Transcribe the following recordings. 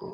Hey,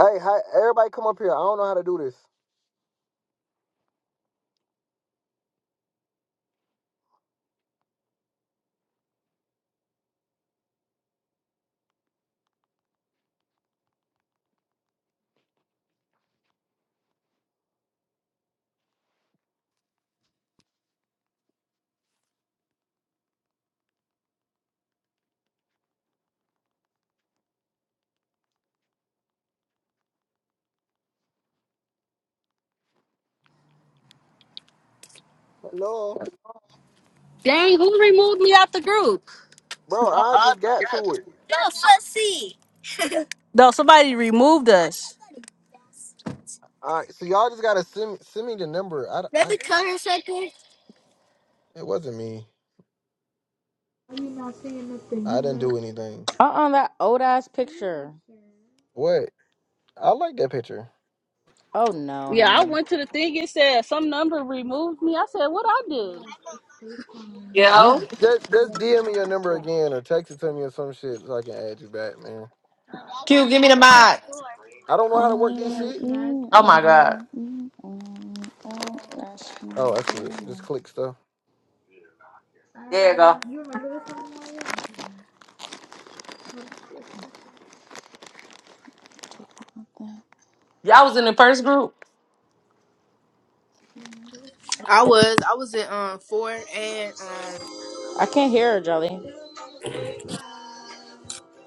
hi, everybody come up here. I don't know how to do this. Hello. Dang, who removed me out the group? Bro, I just got to it. All right, so y'all just gotta send me, send me the number. I I it wasn't me. I didn't do anything. Uh-uh, that old ass picture. What? I like that picture. Oh no, Yeah, I honey. went to the thing. It said some number removed me. I said, what I do? You Yo, just just DM me your number again or text it to me or some shit so I can add you back, man. I don't know how to work this Oh, shit. mm, Oh my God. oh, mm, oh, oh, that Oh, my I see it. bed, Just like, click stuff. there you go. Y'all was in the first group. I was I was in um four and um I can't hear her, Jolly.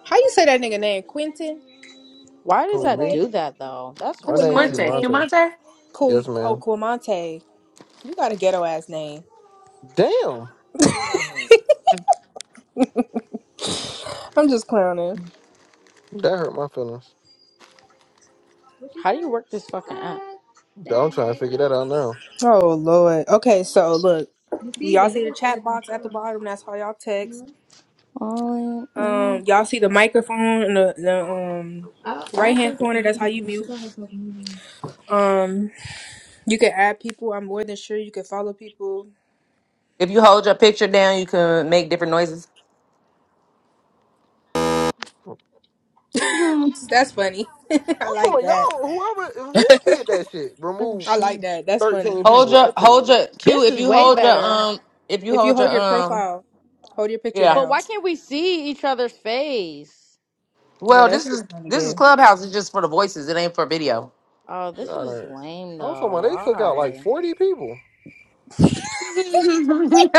how you say that nigga name? Quentin? Why does Who that me? Quinte? do that though? That's My Who's name Q weird. Quinte? Quimonte? Monte. Cumante? Quim, Yes, oh ma'am. Quimonte. You got a ghetto ass name. Damn, I'm just clowning. that hurt my feelings. How do you work this fucking app? I'm trying to figure that out now. Oh Lord. Okay, so look. We all see the chat box at the bottom, that's how y'all text. Oh, mm. Um y'all see the microphone in the, the um right hand corner, that's how you mute. Um you can add people, I'm more than sure you can follow people. If you hold your picture down, you can make different noises. That's funny. I'm I like talking about that. y'all. Whoever who did that shit, Oh remove I like shit. that. That's funny. thirteen Hold people. I your tell you hold what, your Q This if is you way hold your better. um if you If you hold your hold your um profile, hold your picture yeah. But down. why can't we see each other's face? Yeah, Well this that's is just kind of this is gay. Clubhouse, it's just for the voices, it ain't for video. Oh, this God, is I ain't- lame I'm though. talking about they took out like Why? forty people.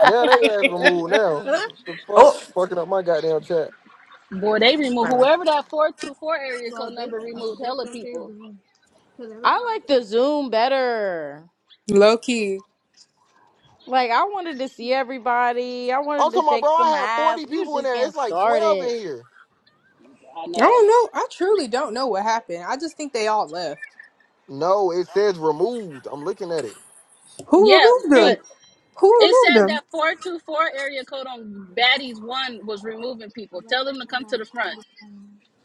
Now they ass removed. Now the fuck, oh fucking up my goddamn chat. Boy, they removed sorry. whoever that 424 area code number removed hella people. I like the Zoom better. Low key. Like I wanted to see everybody. I I'm wanted to talking about, shake bro. I some had forty ass. We was people in just there. getting It's like twelve in started. here. I I know. don't know. I truly don't know what happened. I just think they all left. No, it says removed. I'm looking at it. Who Yeah, removed but them? Q Who it removed says them? that 424 area code on Baddies 1 was removing people. Tell them to come to the front.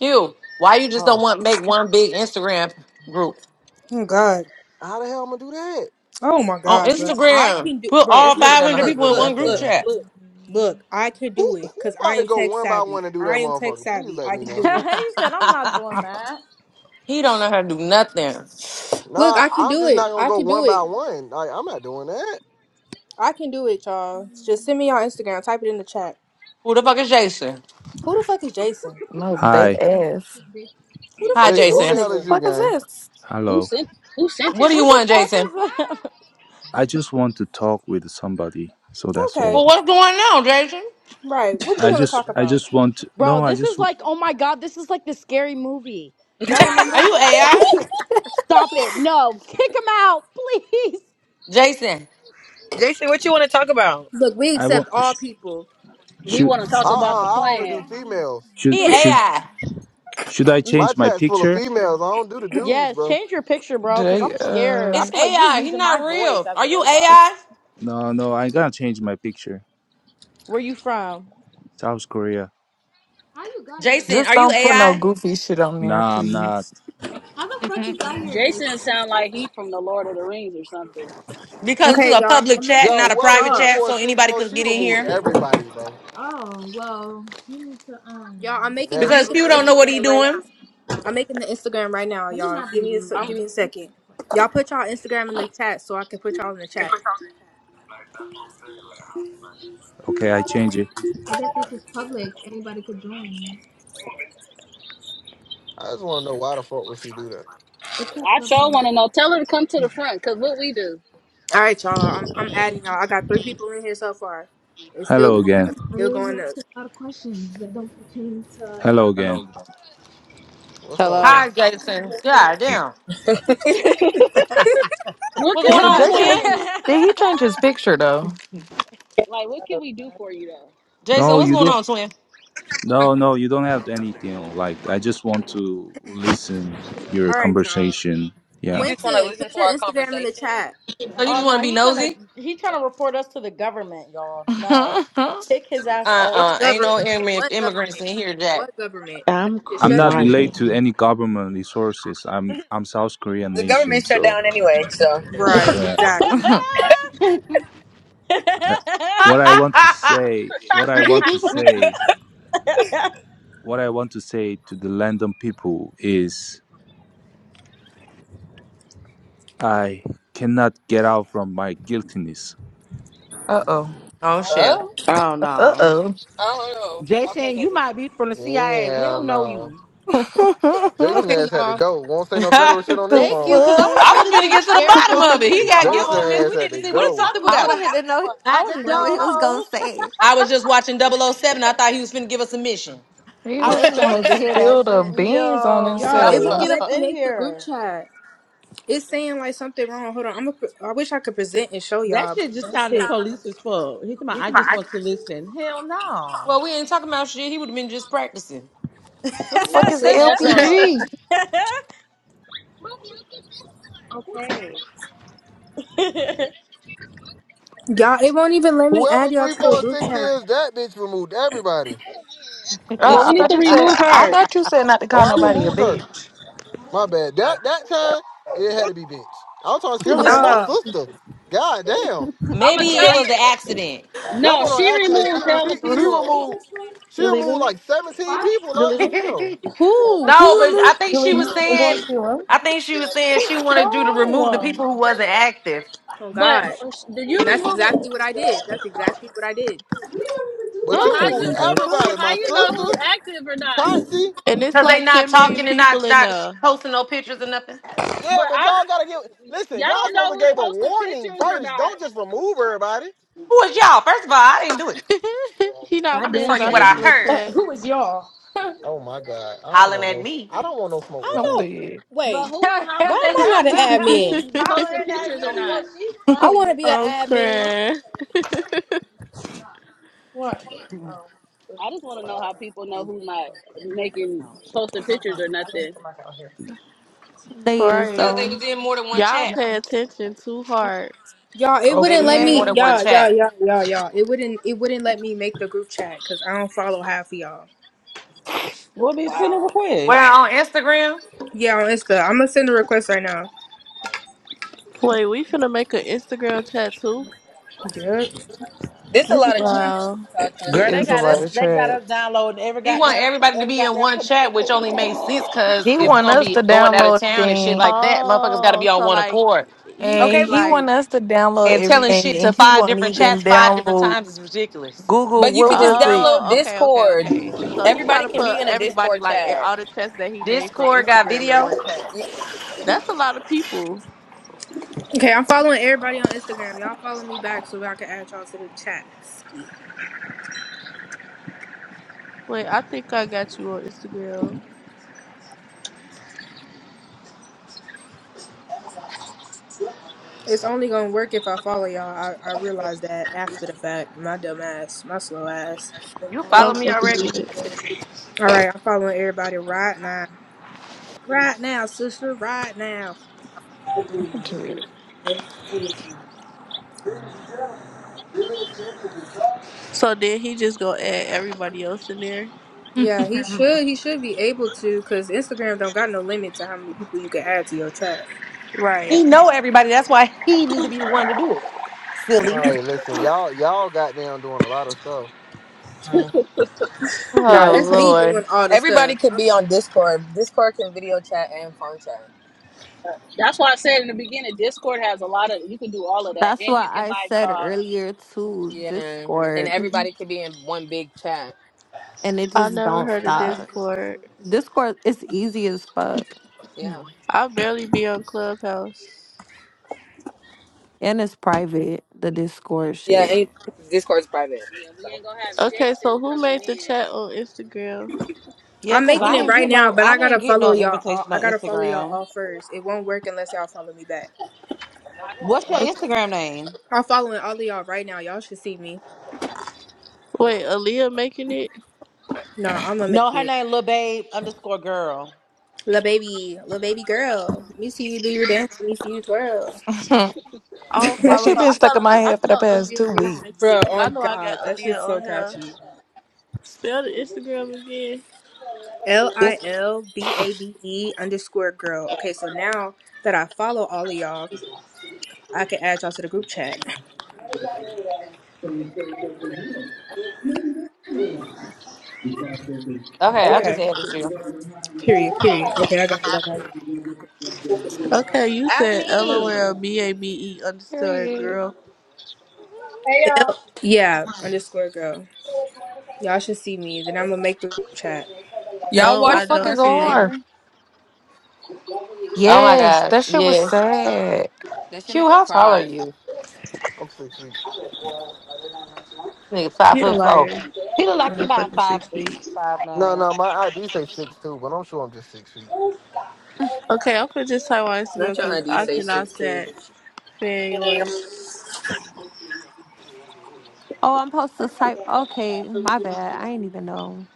Q, why you just don't Huh? want make one big Instagram group? Oh God. How the hell I'm gonna do that? Oh my On God, bro. I Instagram, can do, put bro. all This nigga Look, five don't know hundred how to look, people do in look, one group look, nothing. chat. look, look. I can do Who it who because I about to am go tech one by savvy. one and do that, I am tech motherfucker? Please savvy. let I me can he know. do it. said, "I'm not doing that." He don't know how to do nothing. Look, Nah, I can I'm do just it. not gonna I go can do one by it. one. Like I'm not doing that. I can do it, y'all. Just send me on Instagram. Type it in the chat. Who the fuck is Jason? Who the fuck is Jason? No big Hi, ass. Who the Hi, fuck is Jason, who this the Jason. hell is nigga? you, Fuck is gang? this? Who hello. sent who sent What do you him? Who want, the fuck Jason? is that? I just want to talk with somebody, so that's Okay. all. Well, what's going on, Jason? Right. What you I want to just, talk I about? just want. To, Bro, no, I this is just, like, oh my god, this is like the scary movie. Y'all Are you remember? AI? Stop it. No, kick him out, please. Jason, Jason, what you want to talk about? Look, we I accept want. all sh- people. He Should, want to Uh talk about uh the I only do plan. females. should, he should, AI. should I My You change my chat's full of picture? females. I don't do the dudes, Yes, bro. change your picture, bro, cuz Jay I'm scared. I uh It's feel like you're AI. He using my not voice real. as Are a you robot. AI? No, no, I gotta change my picture. Where you from? South Korea. Jason, just are you don't put no AI? goofy shit on there, Nah, I'm not. please. Jason sound like he from the Lord of the Rings or something. because this is Okay, a y'all. public I'm chat, making not Yo, a whoever private three y'all. chat, four so six, anybody bro, could she get in removed here. everybody, bro. Y'all, I'm And making. I'm that's Because making people the don't know what he Instagram right now. doing. I'm making the Instagram right now, y'all. Give me a. se- I'm, Give me a second. Y'all put y'all Instagram in the chat so I can put y'all in the chat. Okay, I change it. I just want to know why the fuck would she do that? I sure want to know. Tell her to come to the front, cause what we do. All right, y'all. I'm, I'm adding y'all. I got three people in here so far. It's still Hello going up. again. Still going up. Hello Hello. again. What's up, Hello. bro? Hi, Jason. God Yeah. damn. What What's can going we Did on, do God for twin? Jason you? damn. did he change his picture though? Like, what can we do for you though? Jason, No, what's you going don't. on, twin? No, no, you don't have anything. Like, I just want to listen your All right, y'all. conversation. Yeah. just want to Quentin, listen put to your our Instagram in the conversation? chat. So you Oh just want to no, be he trying to nosy? he trying to report us to the government, y'all. No, uh kick his ass off. What Uh-uh. Ain't government? no immi- What immigrants in government? here, Jack. What government? That I'm shit I'm shut not down. crying. related to any government resources. I'm I'm South Korean The nation, government shut so down anyway, so Right. yeah. Exactly. Uh, What I want to oh say, what I want to say, what I want to say to the London people is, I cannot get out from my guiltiness. oh. Oh shit. Oh, hell. Oh Uh no. oh. I don't Okay, Jason, you baby. might be from the CIA. We Yeah, don't know no. you. Jason Okay, ass had to y'all. go. Won't say no I federal shit on this the Thank phone. you, because I was fuck? was really finna getting get to the scared, bottom y'all. What of it. if He we were got Jason guilty, all? miss. ass We had need to to see what What if he's go. something talking was I about. gonna wanted to happen know. to us? I Out the wanted to door, know what Like, he was gonna ho. say. I was just watching Double O Seven. I thought he was finna give us a mission. He I know. was really finna wanted to hear that spill the shit. beans on yo, Y'all, how did it he himself. won't get up let me well, in make the group here? chat. It's saying like something wrong. Hold on. I'm a, I wish I could present and show That y'all, but shit just that sounded shit. police as fuck. He come out, I just want to listen. Hell no. we ain't talking about shit. He would have been just practicing. Who the fuck That's is it. That's all. LPG? Okay. Y'all, it won't even let me add Whoever y'all three to a four group six chat. is, that bitch removed everybody. Uh, Well, I we need thought to you said remove I her. thought you said not to Oh, call I nobody a removed her. bitch. My bad. That that time it had to be bench. I was talking. She You're removed leaving my me. Y'all, sister. God damn. I'ma Maybe can it was tell an I? you. accident. That No, one she on accident. removed She hella she she people. removed. She You're removed leaving me. like seventeen people. You're Like, no, leaving. but damn. Who? Who I removed? think You're she was leaving and going saying, to your room. I think she was saying she wanted you to remove the No. people who wasn't active Oh But God. do you And that's remove it? exactly what I did. That's exactly what I did. But But Hmm? you Hey, how removed you? nigga. But who? everybody. How My you know sister, who's active or not? Totsy. And it's because they like not 10 million talking and people not in not there. posting no pictures or nothing. Yeah, But but I, y'all gotta give. Listen, y'all y'all don't know supposed to who's give a posting warning pictures or first. not. Don't just remove everybody. Who was y'all? First of all, I didn't do it. he I not I'm just playing damn telling you sure about what to I his do it. little Uh, heard. chat. who is y'all? Oh my god. I don't hollering want at Uh-huh. no. me. I don't want no smoke I with I'm y'all. know. dead. But Wait, who? How why would they am I know not an who's who's admin? posting Hollering at pictures or me. Yo, not? she's I want funny. to be an admin. okay. What? Um, the- I just want to know how people know who's not making posting Hold on. pictures or I nothing. didn't come back out here. They is Right. Because they though. was in more than one Y'all chat. pay attention too hard. Y'all, it They wouldn't was let in more me. Okay. than one Y'all, y'all, chat. y'all, y'all, y'all. It wouldn't. It wouldn't let me make the group chat because I don't follow half of y'all. We'll be sending Wow. Where requests. on Instagram, Yeah, on Insta. I'm gonna send a request right now. Wait, we finna make an Instagram chat too? Yep. There's a lot of chats Wow. to talk to the It Girl, same they is a got lot us people. of they got us traps. downloading every he want goddamn everybody to every be in goddamn one chat, which communication only chat we makes sense can we can because He if we're want gonna us be to going out of download town and shit thing, like that, motherfuckers got to be Oh, on so one like, accord. he okay, and mean but he like, want us to download And telling everything, shit to and he five won't different even chats five different download times is ridiculous. Google. But you What could just was it? download oh, okay, okay, Discord. okay. So he trying Everybody to can be put in a everybody Discord like in chat. all the chats that he made from Discord got Instagram in video. one chat. You- That's a lot of people. Okay, I'm following everybody on Instagram. Y'all follow me back so I can add y'all to the chat. Ski. Wait, I think I got you on Instagram. It's only gonna work if I follow y'all. I, I realized that after the fact. My dumb ass. My slow ass. You follow I'm me already? fucking Alright, I'm following everybody right now. Right now, sister. Right now. Dude. dead. So then he just gonna add everybody else in there? Yeah, he should. He should be able to, cause Instagram don't got no limit to how many people you can add to your chat. He Right. know everybody. That's why he need to be the one to do it. Silly. Well, Hey, listen, y'all y'all got down doing a lot of stuff. mm. Nah, Oh that's me Lord. doing all the everybody stuff. could be on Discord. Discord can video chat and phone chat. That's why I said in the beginning, Discord has a lot of you can do all of that, That's and why you can I live said talk. earlier too. Yeah, and Discord, and everybody could be in one big chat. it I just never don't heard of stop. Discord. Discord is easy as fuck, Yeah. I barely be on Clubhouse. and it's private. The Discord Yeah, shit. and Discord's private. Yeah, we So ain't gonna have Okay, Jason so who coming made the in chat on Instagram? Yeah, I'm cause making I it ain't Oh. right get now, no but I I didn't gotta get follow no y'all. All, invitation I on gotta follow y'all Instagram. all first. It won't work unless y'all follow me back. What's your Okay, Instagram name? I'm following all of y'all right now. Y'all should see me. wait, Aaliyah making it? No, I'm gonna make No, her it. name Lil Babe underscore girl. Little baby, little baby girl. Let me see you do your dance. Let me see you twirl. that I don't follow shit her. been I stuck in thought my Ali- I head for the thought past Aaliyah two was making weeks. it Bro, because I on know I got God, that Aaliyah shit's on so here. catchy. Spell the Instagram again. L I It's. L B A B E underscore girl. Okay, so now that I follow all of y'all, I can add y'all to the group chat. Okay, I just Okay. added you. Period. Period. Okay, I got it. I got Okay, you At said me. LOL B A B E underscore Period. girl. it. yeah, L- yeah, underscore girl. Y'all should see me. Then I'm gonna make the group chat. y'all No, Who the I watch The fuck is don't see Perfect you. R? Neighbor? Oh I my don't Yes, know. that gosh. shit was Yes. sad. That shit made Q, me how tall are cry. you? I'm six feet. Nigga, five You are a foot four. liar He look like on he the about fucking five six eight, feet. five No, nine. no, my ID say six two, but I'm sure I'm just six feet. Okay, I'm gonna just type on Instagram Not your because auntie I say cannot six two. stand fan yours. Oh, I'm supposed to type. Okay, my bad. I ain't even know.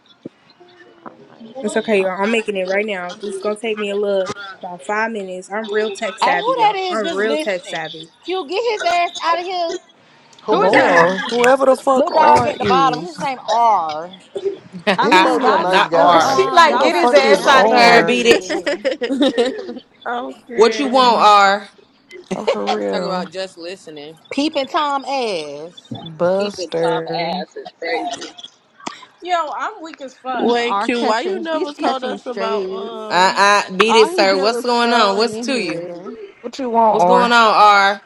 I'm It's okay, like, y'all. I'm making it right now. This is gonna take me a little about five minutes. I'm real tech Hey, savvy, who that y'all. is I'm just real tech listening? savvy. Q, get his ass out of here. Who is Who? that? Boy, whoever the fuck Little dog R at the bottom. His is, name R. I He that's mean, might be what. a I y'all s- nice Not got the guy, And R. She man. um, who like, y'all the get got his the fuck is ass out of panel Sir, here. beat R? it. public. Talk I'm What you You crying. want, know, R? no, for about real. just listening. Peeping Tom ass. peeping top Buster, ass is crazy. Yo, I'm weak as fuck. Wait, Are Q, why you catching, he's never told catching us about strays. Uh um? uh, beat it, All he sir. did What's was going on? scrolling What's to in you? here. what you want, What's going on, R? R?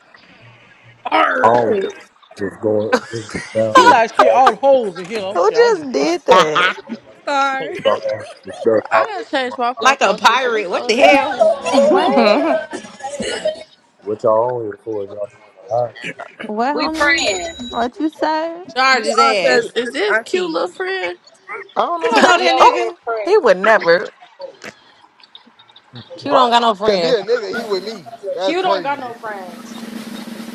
all Arr! Right. just going just He download like shit, all everything, holes in here. I'm Who shit. I'm just just trying did to see that? something. Star. the song, the stuff I popping gotta in my change my like a profile picture. This pirate. What phone. old the ass hell? picture. What? What y'all on here for if y'all trying to hide? What, We homie? praying. What you said? Charge We his are We cousins, ass. Is and this cute aunties. little friend? I don't You know don't that know we man. that over Oh, here nigga. praying. he would never. Q don't Right? got no Cause he friends. a nigga. He with me. That's Q don't crazy. got no friends.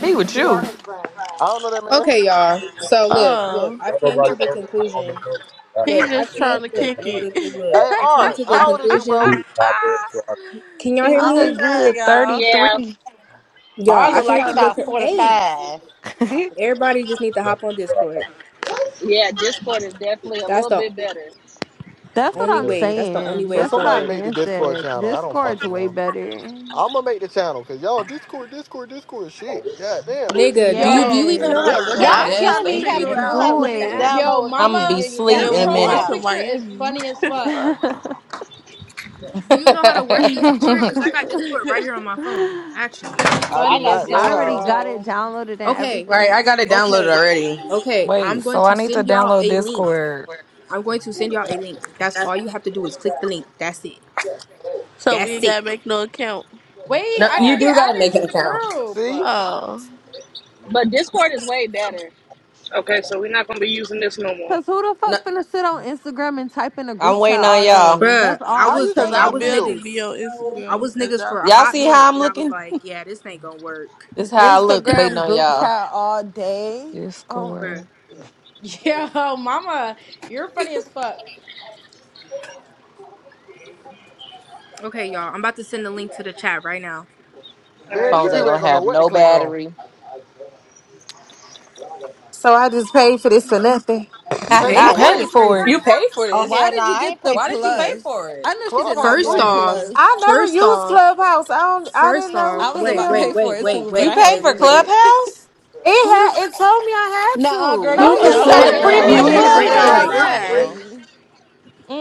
He would We are you. his friends. I don't know that man. Okay, y'all. So look, look. Oh, I Don't came nobody to the know me. I don't know conclusion. nobody. I, he Look, like I I just said, I came. trying to Look, just kick look, downloaded it. look, look, the look. Hey, app. I came Art, to the how old is you, It's a conclusion. bro? dude pop so I Can y'all He hear look I'm a me? crying, good y'all. Yeah, 33. R Y'all, I He's look like came he to trying to the. Con- about kick forty it. hey, five. Not just everybody just need to can hop on tell you. Discord. yeah. Discord is definitely a That's little the bit better. That's what only I'm way. Listen. That's the only saying. way So it's That's what gonna somebody I've work. make the been Discord said. channel. I don't Discord's fucking way know. better. I'm gonna make the channel because y'all Discord, Discord, Discord, is shit. God damn. Nigga, do you Oh, do you Yo. even know how to Yes. this work the I'm y'all Uh, app? Yes, trying killing to Do me you thank figure you. having even know how out. to do having a work the bitch it. app? Yo, downloading I'm fifty gonna be mama, million We're sleep your in goddamn a going profile minute. apps. to picture is Miami. funny as fuck. Fuck. Do you know how to work Discord? Because I got Discord right here on my phone, I actually. I do I Funny got as not know hell, Discord already how. too. got it bro. downloaded and Okay, Right, I everything. got it downloaded okay, already. okay. I'm Wait, going so I to need to send y'all download a link. Discord. I'm going to send y'all a link. That's That's- all you have to do is click the link. That's it. so we That's ain't it. gotta make no account. Wait, No, I you didn't No, get do gotta added make to an the account. group. See? Alright. Oh. but Discord is way better. Okay, so we're not gonna be using this no more. Cause who the No, fuck finna sit on Instagram and type in a I'm group chat waiting on all y'all. day? Bruh, That's I all How I'm you was Cause think I I I saying. was feel? barely be niggas. on I Instagram, was as niggas y'all for a can y'all hot see see. how minute I'm and I was looking? like, yeah, this ain't gonna work. This is how I look waiting Instagram on group y'all. chat all day. Oh, my- Discord. Bruh. Yo, mama, you're funny as fuck. Okay, y'all. I'm about to send the link to the chat right now. All Man, right, these Phones ain't people bud. ain't gonna gonna know have what to no click on. battery. So I just paid for this for nothing. You Pay paid You for for it? what? paid It's for it. crazy. you paid for Oh this. why hell nah, did you I ain't get pay the Why for did you pay shit. plus? for I it? know she did Clubhouse not get First the free. Right. off, plus. I never first used off, Clubhouse. I don't. I didn't first know off, I what the was wait, about to pay wait, hell for wait, it wait, too, but You I wait, had pay to wait, for read wait. it. Clubhouse? it Who had. the It told me I had Nuh uh girl, No, to. you Go who Oh could What the have you you no, cancel got What? the fuck it, politely honey. tapped girl. that My This premium Go shit shit didn't. X who was in No, the free cancel that So it. ninety free. right Clubhouse? fuck? It's after this, nine. corner. free.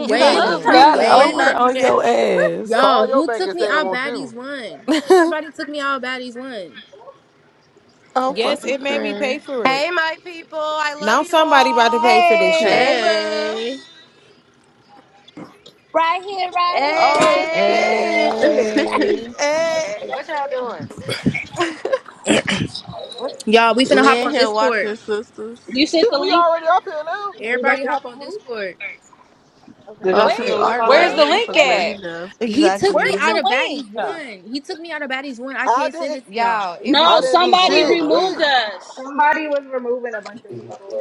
You They got Wait, the just who Clubhouse got is premium free over one. wait. ninety on nine. your ass. Call Y'all, your who bank took let's and me say it out read won't it. you. baddies one? Somebody took me out baddies one. I'm Yes, fucking it made me pay crying. for Hey, it. my people. I love Now you somebody about to pay all. for this shit. Hey Hey, boo. Hey. right here, right here, Oh right Hey. here. shit. Yay! hey. Hey. What y'all doing? What? Y'all, we finna hop Lynn on here Discord. watching sisters. You sent Shit, the we link? already up here now. We about Everybody to have hop a on host? Discord. Did Okay. y'all send Okay, the Wait, link our Where's already? the love. I'm wait, link so glad wait. he at? left. He took me Where's Exactly. out the of link? baddies I one. He took me out of baddies one. I I can't send didn't. it to y'all. Y'all, it be I No, some didn't do shit somebody going shit. on over here. removed Wait, us. Somebody was removing a bunch of people.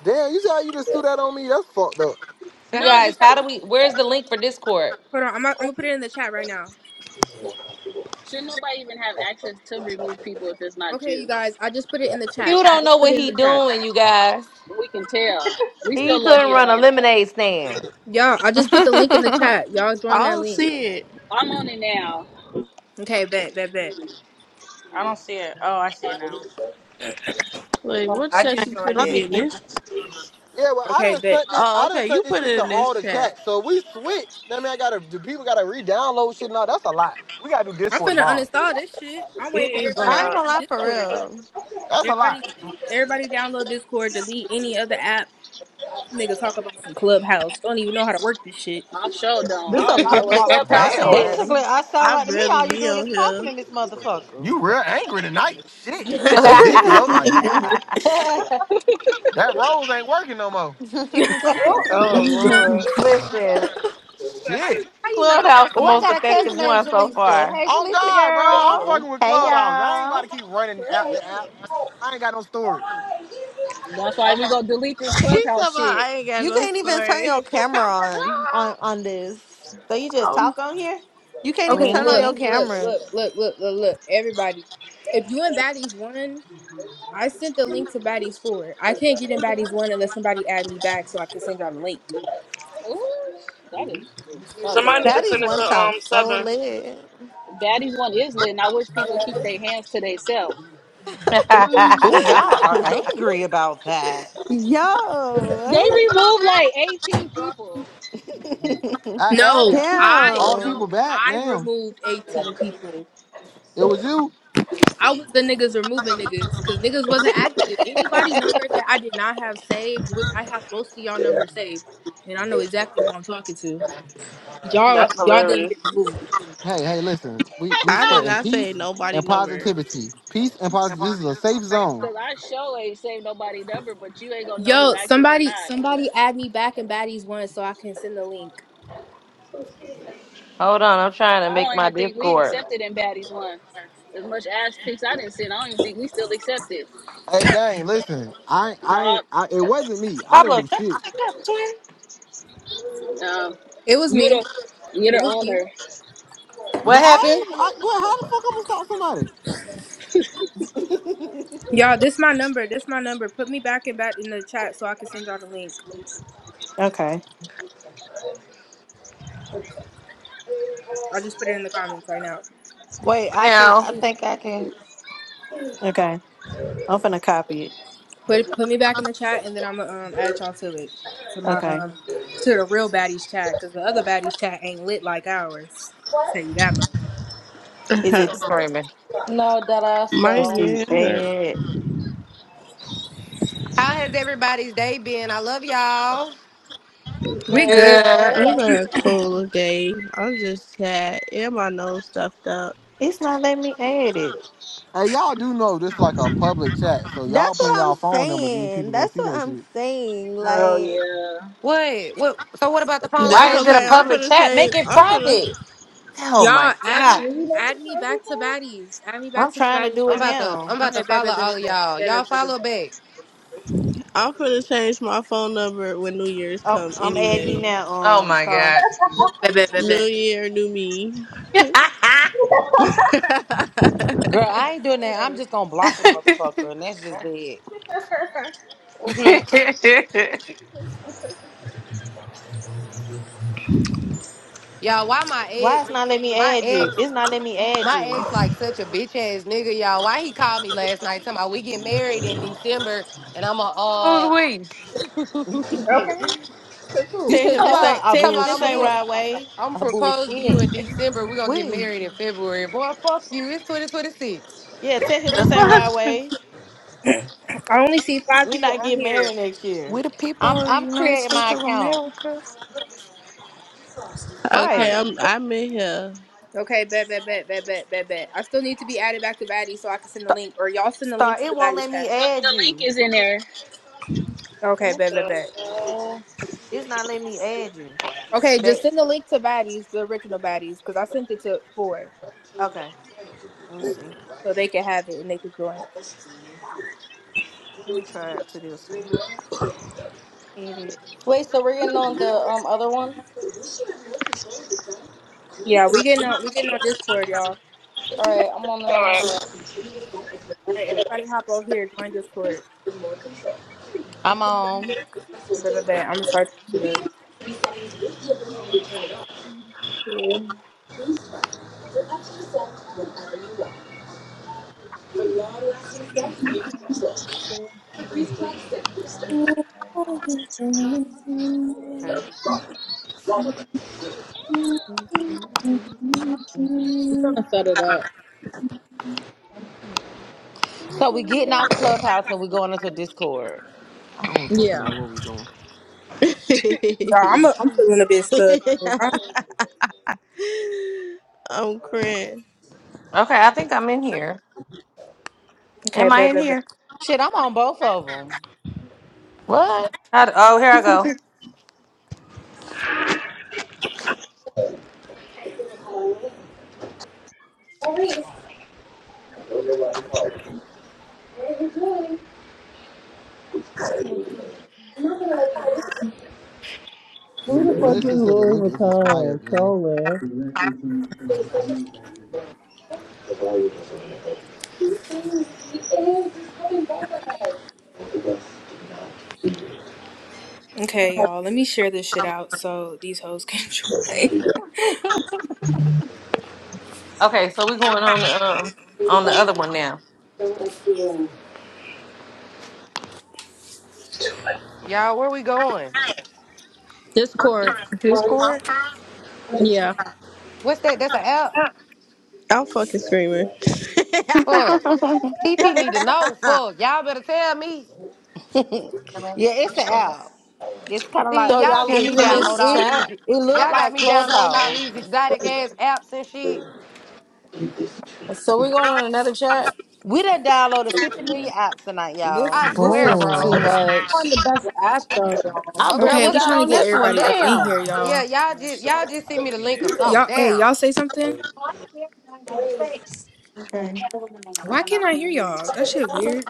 damn, you see how you just threw that on me? That's fucked up. You How No, guys, because how do we where's the link for Discord? Hold on, I'm, gonna- I'm gonna put it in the chat right now. Should nobody even have access to remove people if it's not Okay, you you? guys, I just put it in the You chat. I don't know just put what it in he the chat. doing, you guys. We can tell. We still He love couldn't you run a though. lemonade stand. Y'all, I just put the link in the chat. Y'all I join that don't link. see I'm on it now. Okay, bet, bet, bet. don't see it. Oh, I see it now. it. Wait, Oh. what I chat just you put joined it I'm in it. in. this? Yeah, well, I Okay, done bet. sent this. Oh, I done okay, you sent this put shit it to in this all the chat. chats. So if we switch. That mean I gotta. Do people gotta re-download shit? No, that's a lot. We gotta do I'm Discord finna tomorrow. uninstall this shit. I'm It waiting for is the everybody I to ain't hop lot. gonna on lie for Discord. real. That's a lot. Everybody, everybody download Discord, delete any other app. Nigga, talk about some Clubhouse. Don't even know how to work this shit. I sure don't. This I a don't even know what Diabolical. public Clubhouse Damn, is. Basically, platform. I sound I like to me. barely All you be doing is on here. talking in this motherfucker. you real angry tonight? Shit, you need Listen, some dick in your life. That rose ain't working no more. you can't Oh! Oh lord. But how you Shit. how you know? I Clubhouse got the Oh, those? I most got a How you effective cousin know named one that? so Jaleesa. far. Hey, On Jaleesa God, bro. I'm girl. Yeah. fucking with hey Clubhouse. I ain't about y'all. to keep So running that app sounds to cool. app. I ain't got no storage. That's why we gonna delete this He's Clubhouse about shit. I ain't got no even turn story. your camera on on on this. So you just um, talk on here? You can't even Okay, turn on look, your hmm look, camera. look, look, look, look, look. Everybody, if you in Baddies one, I sent the link to Baddies four. I can't get in Baddies one unless somebody add me back so I can send y'all the link. Ooh, that is just so Somebody need to ghetto. Daddy's send it to one um sounds so seven. lit. Daddy's one is lit, and I wish people keep their hands to themselves. Mm. Oh, y'all are angry about that. Yo, They removed like 18 people. I added No, I all the people damn. no, back. I Damn. removed 18 people. It was you. I was the niggas removing niggas because niggas wasn't active. Anybody number that I did not have saved, which I have most of y'all numbers saved, and I know exactly who I'm talking to. Y'all That's y'all didn't hilarious. get removed. Hey, hey, listen. We we I did spreading not say peace nobody and number. positivity. Peace and If positivity. I This is a just a safe faith. no. zone. Cause I sure ain't saved nobody number, but you ain't gonna know who Yo, active or somebody not. somebody add me back in baddies one so I can send the link. Hold on, I'm trying to I make don't my even think we Discord. accepted in baddies one. As much ass pics I didn't send, I don't even think we still accepted. Hey, gang, listen. I No, I ain't. I, it wasn't me. I didn't Pablo, shut do the shit. fuck up, twin. um, It was you're the me. you're It the was me. owner. What But I happened? ain't. I, well, how the fuck I'm gonna stop somebody? Y'all, this my number. This my number. Put me back in back in the chat so I can send y'all the link. okay. I just put it in the comments right now. Wait, I can. Now I think I can. Okay. I'm finna copy it. Put put me back in the chat, and then I'm gonna um, add y'all to it to my Okay. um to the real baddies chat because the other baddies chat ain't lit like ours. Tell you that much. Is I'm it my screaming. no, that ass let's though. see hand hurt. add has everybody's day been? I love y'all. We good, Good. Good. I'm girl. not cool, okay? I'm just sad. And my nose stuffed up. it's not letting me add it. Hey, y'all do know this like a public chat, so y'all That's putting what I'm y'all phone numbers. These saying. people gonna That's see what that I'm shit. saying. Oh, Like. yeah. What? What? So what about the phones That's Why on is it a okay. mute? I'm public finna chat? Make change. it I'm finna. private. Oh my y'all add god. me Would you like to add me try back to this baddies. Add me back I'm to the trying to baddies do I'm it chat. about to. now. I'm about Okay, to bet follow bet bet all of bet y'all. bet Y'all bet bet bet follow bet back. I'm finna change my phone number when New Year's Oh come. I'm adding you Anyway, now, Oh um my star. god. bet bet bet. bet. New bet. Year, new me. out? Girl, Yeah, I ain't doing that. try I'm just gonna block a motherfucker, and that's just it. Mhm. Y'all, why my Why ex? it's not letting me My add you? ex. It's not letting me add My you. ex like such a bitch ass nigga. Y'all, why he called me last night? Talking about we get married in December, and I'm Who's a we? uh. it. Okay. So You cool. tell should have him Talk this told him about, ain't I tell talk him about. I'm this gonna, ain't bullshit. right pro- way. I'm I propose to bullshit. you in December. We're gonna get we, married in February. Boy, fuck you. It's 2026. Yeah, tell him The this ain't fuck? right Okay, way. I only see five We people not on getting married here. next year. we the people I'm of the I'm United creating my States of account. America. Y'all Okay, Right. make I'm sure. I'm in here. Okay, bet bet bet bet bet bet bet. I still need to be added back to baddies so I can send the link, or y'all send the link Star, to it the won't let baddies me chat. The, the add link you. is in there. Okay, What bet bet the bet. hell? All It's not letting me add you. Okay, just Back. send the link to baddies, the original baddies, because I sent it to four, Okay. Let me see. so they can have it and they can join. Let me try it to this one. Edit. Wait, so we're getting on the um other one? Yeah, we getting on we getting on Discord, y'all. All right, I'm on there right. now. All right, everybody hop over here, join Discord. I'm on. Blah, blah, blah. I'm gonna start this shit up. Oh, yeah. Mary is the same address as Aunt Anne's Okay. I'm gonna set it up. So we getting off Clubhouse and we going into Discord. I don't fucking know Yeah. what we're doing. Y'all, I'm a, I'm feeling a bit stuck because I'm I'm crying. I think I'm in here. okay. Am I bad, in bad, bad. here? Shit, I'm on both of them. What? How d oh, here I go. milkshake. Who the Man, fuck is this just said the Louis link is Vuitton expired, man. and Solar? The volume doesn't want to go. He is. He is. He's having both of us. Both of us do not do it. Okay, y'all, let me share this shit out so these hoes can So it's join. already done. Okay, so we going on the um on He's the like, other one now. don't like you in. Y'all, where we going? Well, Discord. it's what Discord? a child. Yeah. What's that? That's an app. I'm fucking screaming. Fuck. T T need to know. Fuck. Y'all better tell me. Yeah, it's the app. It's kind of See, So like y'all y'all got shit me to leaving me. download this all It chat? these. it looked Y'all got like me downloading all Clubhouse. these exotic ass apps and shit. So we're going on another chat? We done downloaded 50 million apps tonight, This y'all. I this swear, is Bull. too bro. On the much. best app though, y'all. I Okay, okay, barely we what's got the trying to on get this what? one. everybody up in Damn. here, Yeah, y'all. y'all just y'all just send me the link or something. Y'all, hey, Damn. y'all say something. Okay. Why can't I hear y'all? That Okay, just shit I one weird.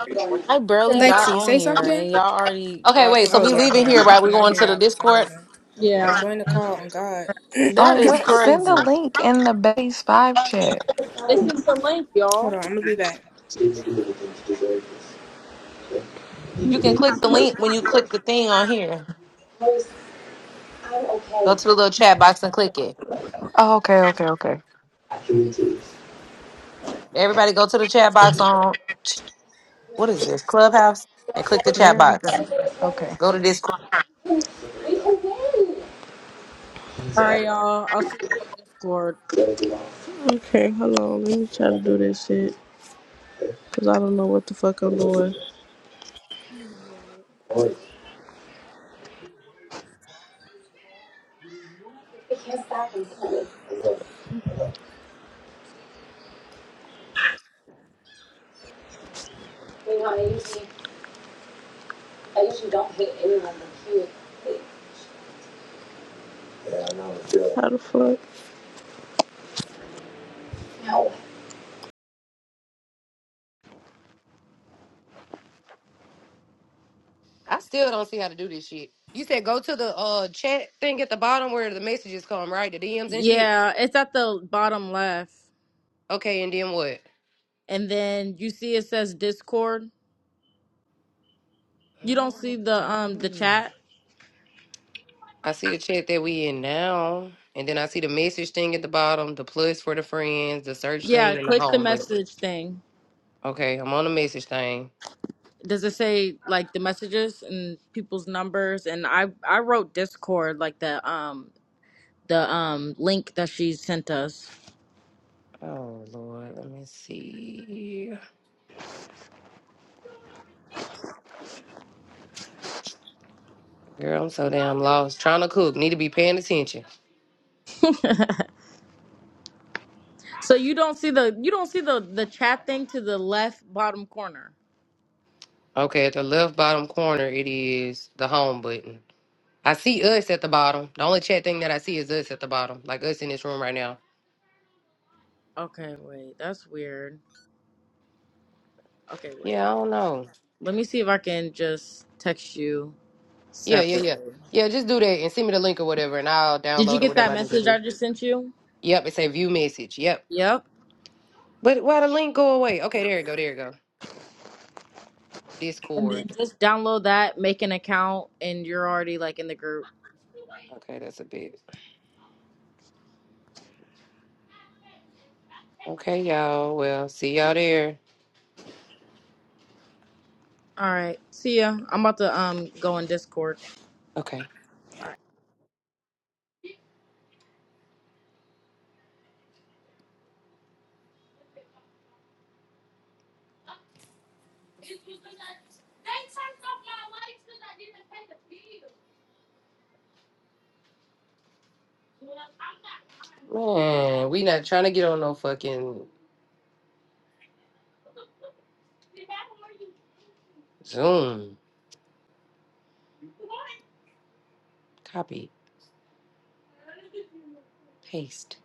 I barely Yeah. got Lexi, on say here something. and y'all already Okay, got wait. So Oh something we else yeah, hold leaving going here, on. I on. right? We cannot going hear to the y'all for some Discord. reason. Yeah. Join the call on God. That On is what? Send the crazy. link in the base five chat. They sent the link, y'all. Hold All on, I'm gonna be back. do this. Okay? You can click the right. link when you click the thing on here. Go okay. to the little chat box and click it. Oh, okay, okay, okay. Everybody, go to the chat box on what is this Clubhouse and click the chat There we box. go. Okay. Go to this right, y'all. I'll see y'all on Discord. Okay, hold on. Let me try to do this shit. Cause I don't know what the fuck I'm doing. How the fuck? I still don't see how to do this shit. You said go to the uh chat thing at the bottom where the messages come, right? The DMs and shit. Yeah, it's at the bottom left. Okay, and then what? And then you see it says Discord. You don't see No, the um the no. chat. I see the chat that we in now, and then I see the message thing at the bottom, the plus for the friends, the search Yeah, thing, and the click the home button. message thing. Okay, I'm on the message thing. Does it say like the messages and people's numbers? And I I wrote Discord like the um the um link that she sent us. Oh Lord, let me see. Girl, I'm so damn lost. Trying to cook, need to be paying attention. so you don't see the you don't see the the chat thing to the left bottom corner. Okay, at the left bottom corner, it is the home button. I see us at the bottom. The only chat thing that I see is us at the bottom, like us in this room right now. Okay, wait. That's weird. Okay, Yeah, wait. I don't know. Let me see if I can just text you Yeah, yeah, yeah. separately. Yeah, just do that and send me the link or whatever, and I'll Did you download or get whatever that I need to message do. I just sent you? Yep, it say view message. Yep. Yep. But why the link go away? Okay, there you go. There you go. And then Discord. just download that, make an account, and you're already like in the group. Okay, that's a bit. Okay, y'all. Well, see y'all there. All right. See ya. I'm about to um go in Discord. Okay. Man, we not trying to get on no fucking Zoom. Copy. Paste.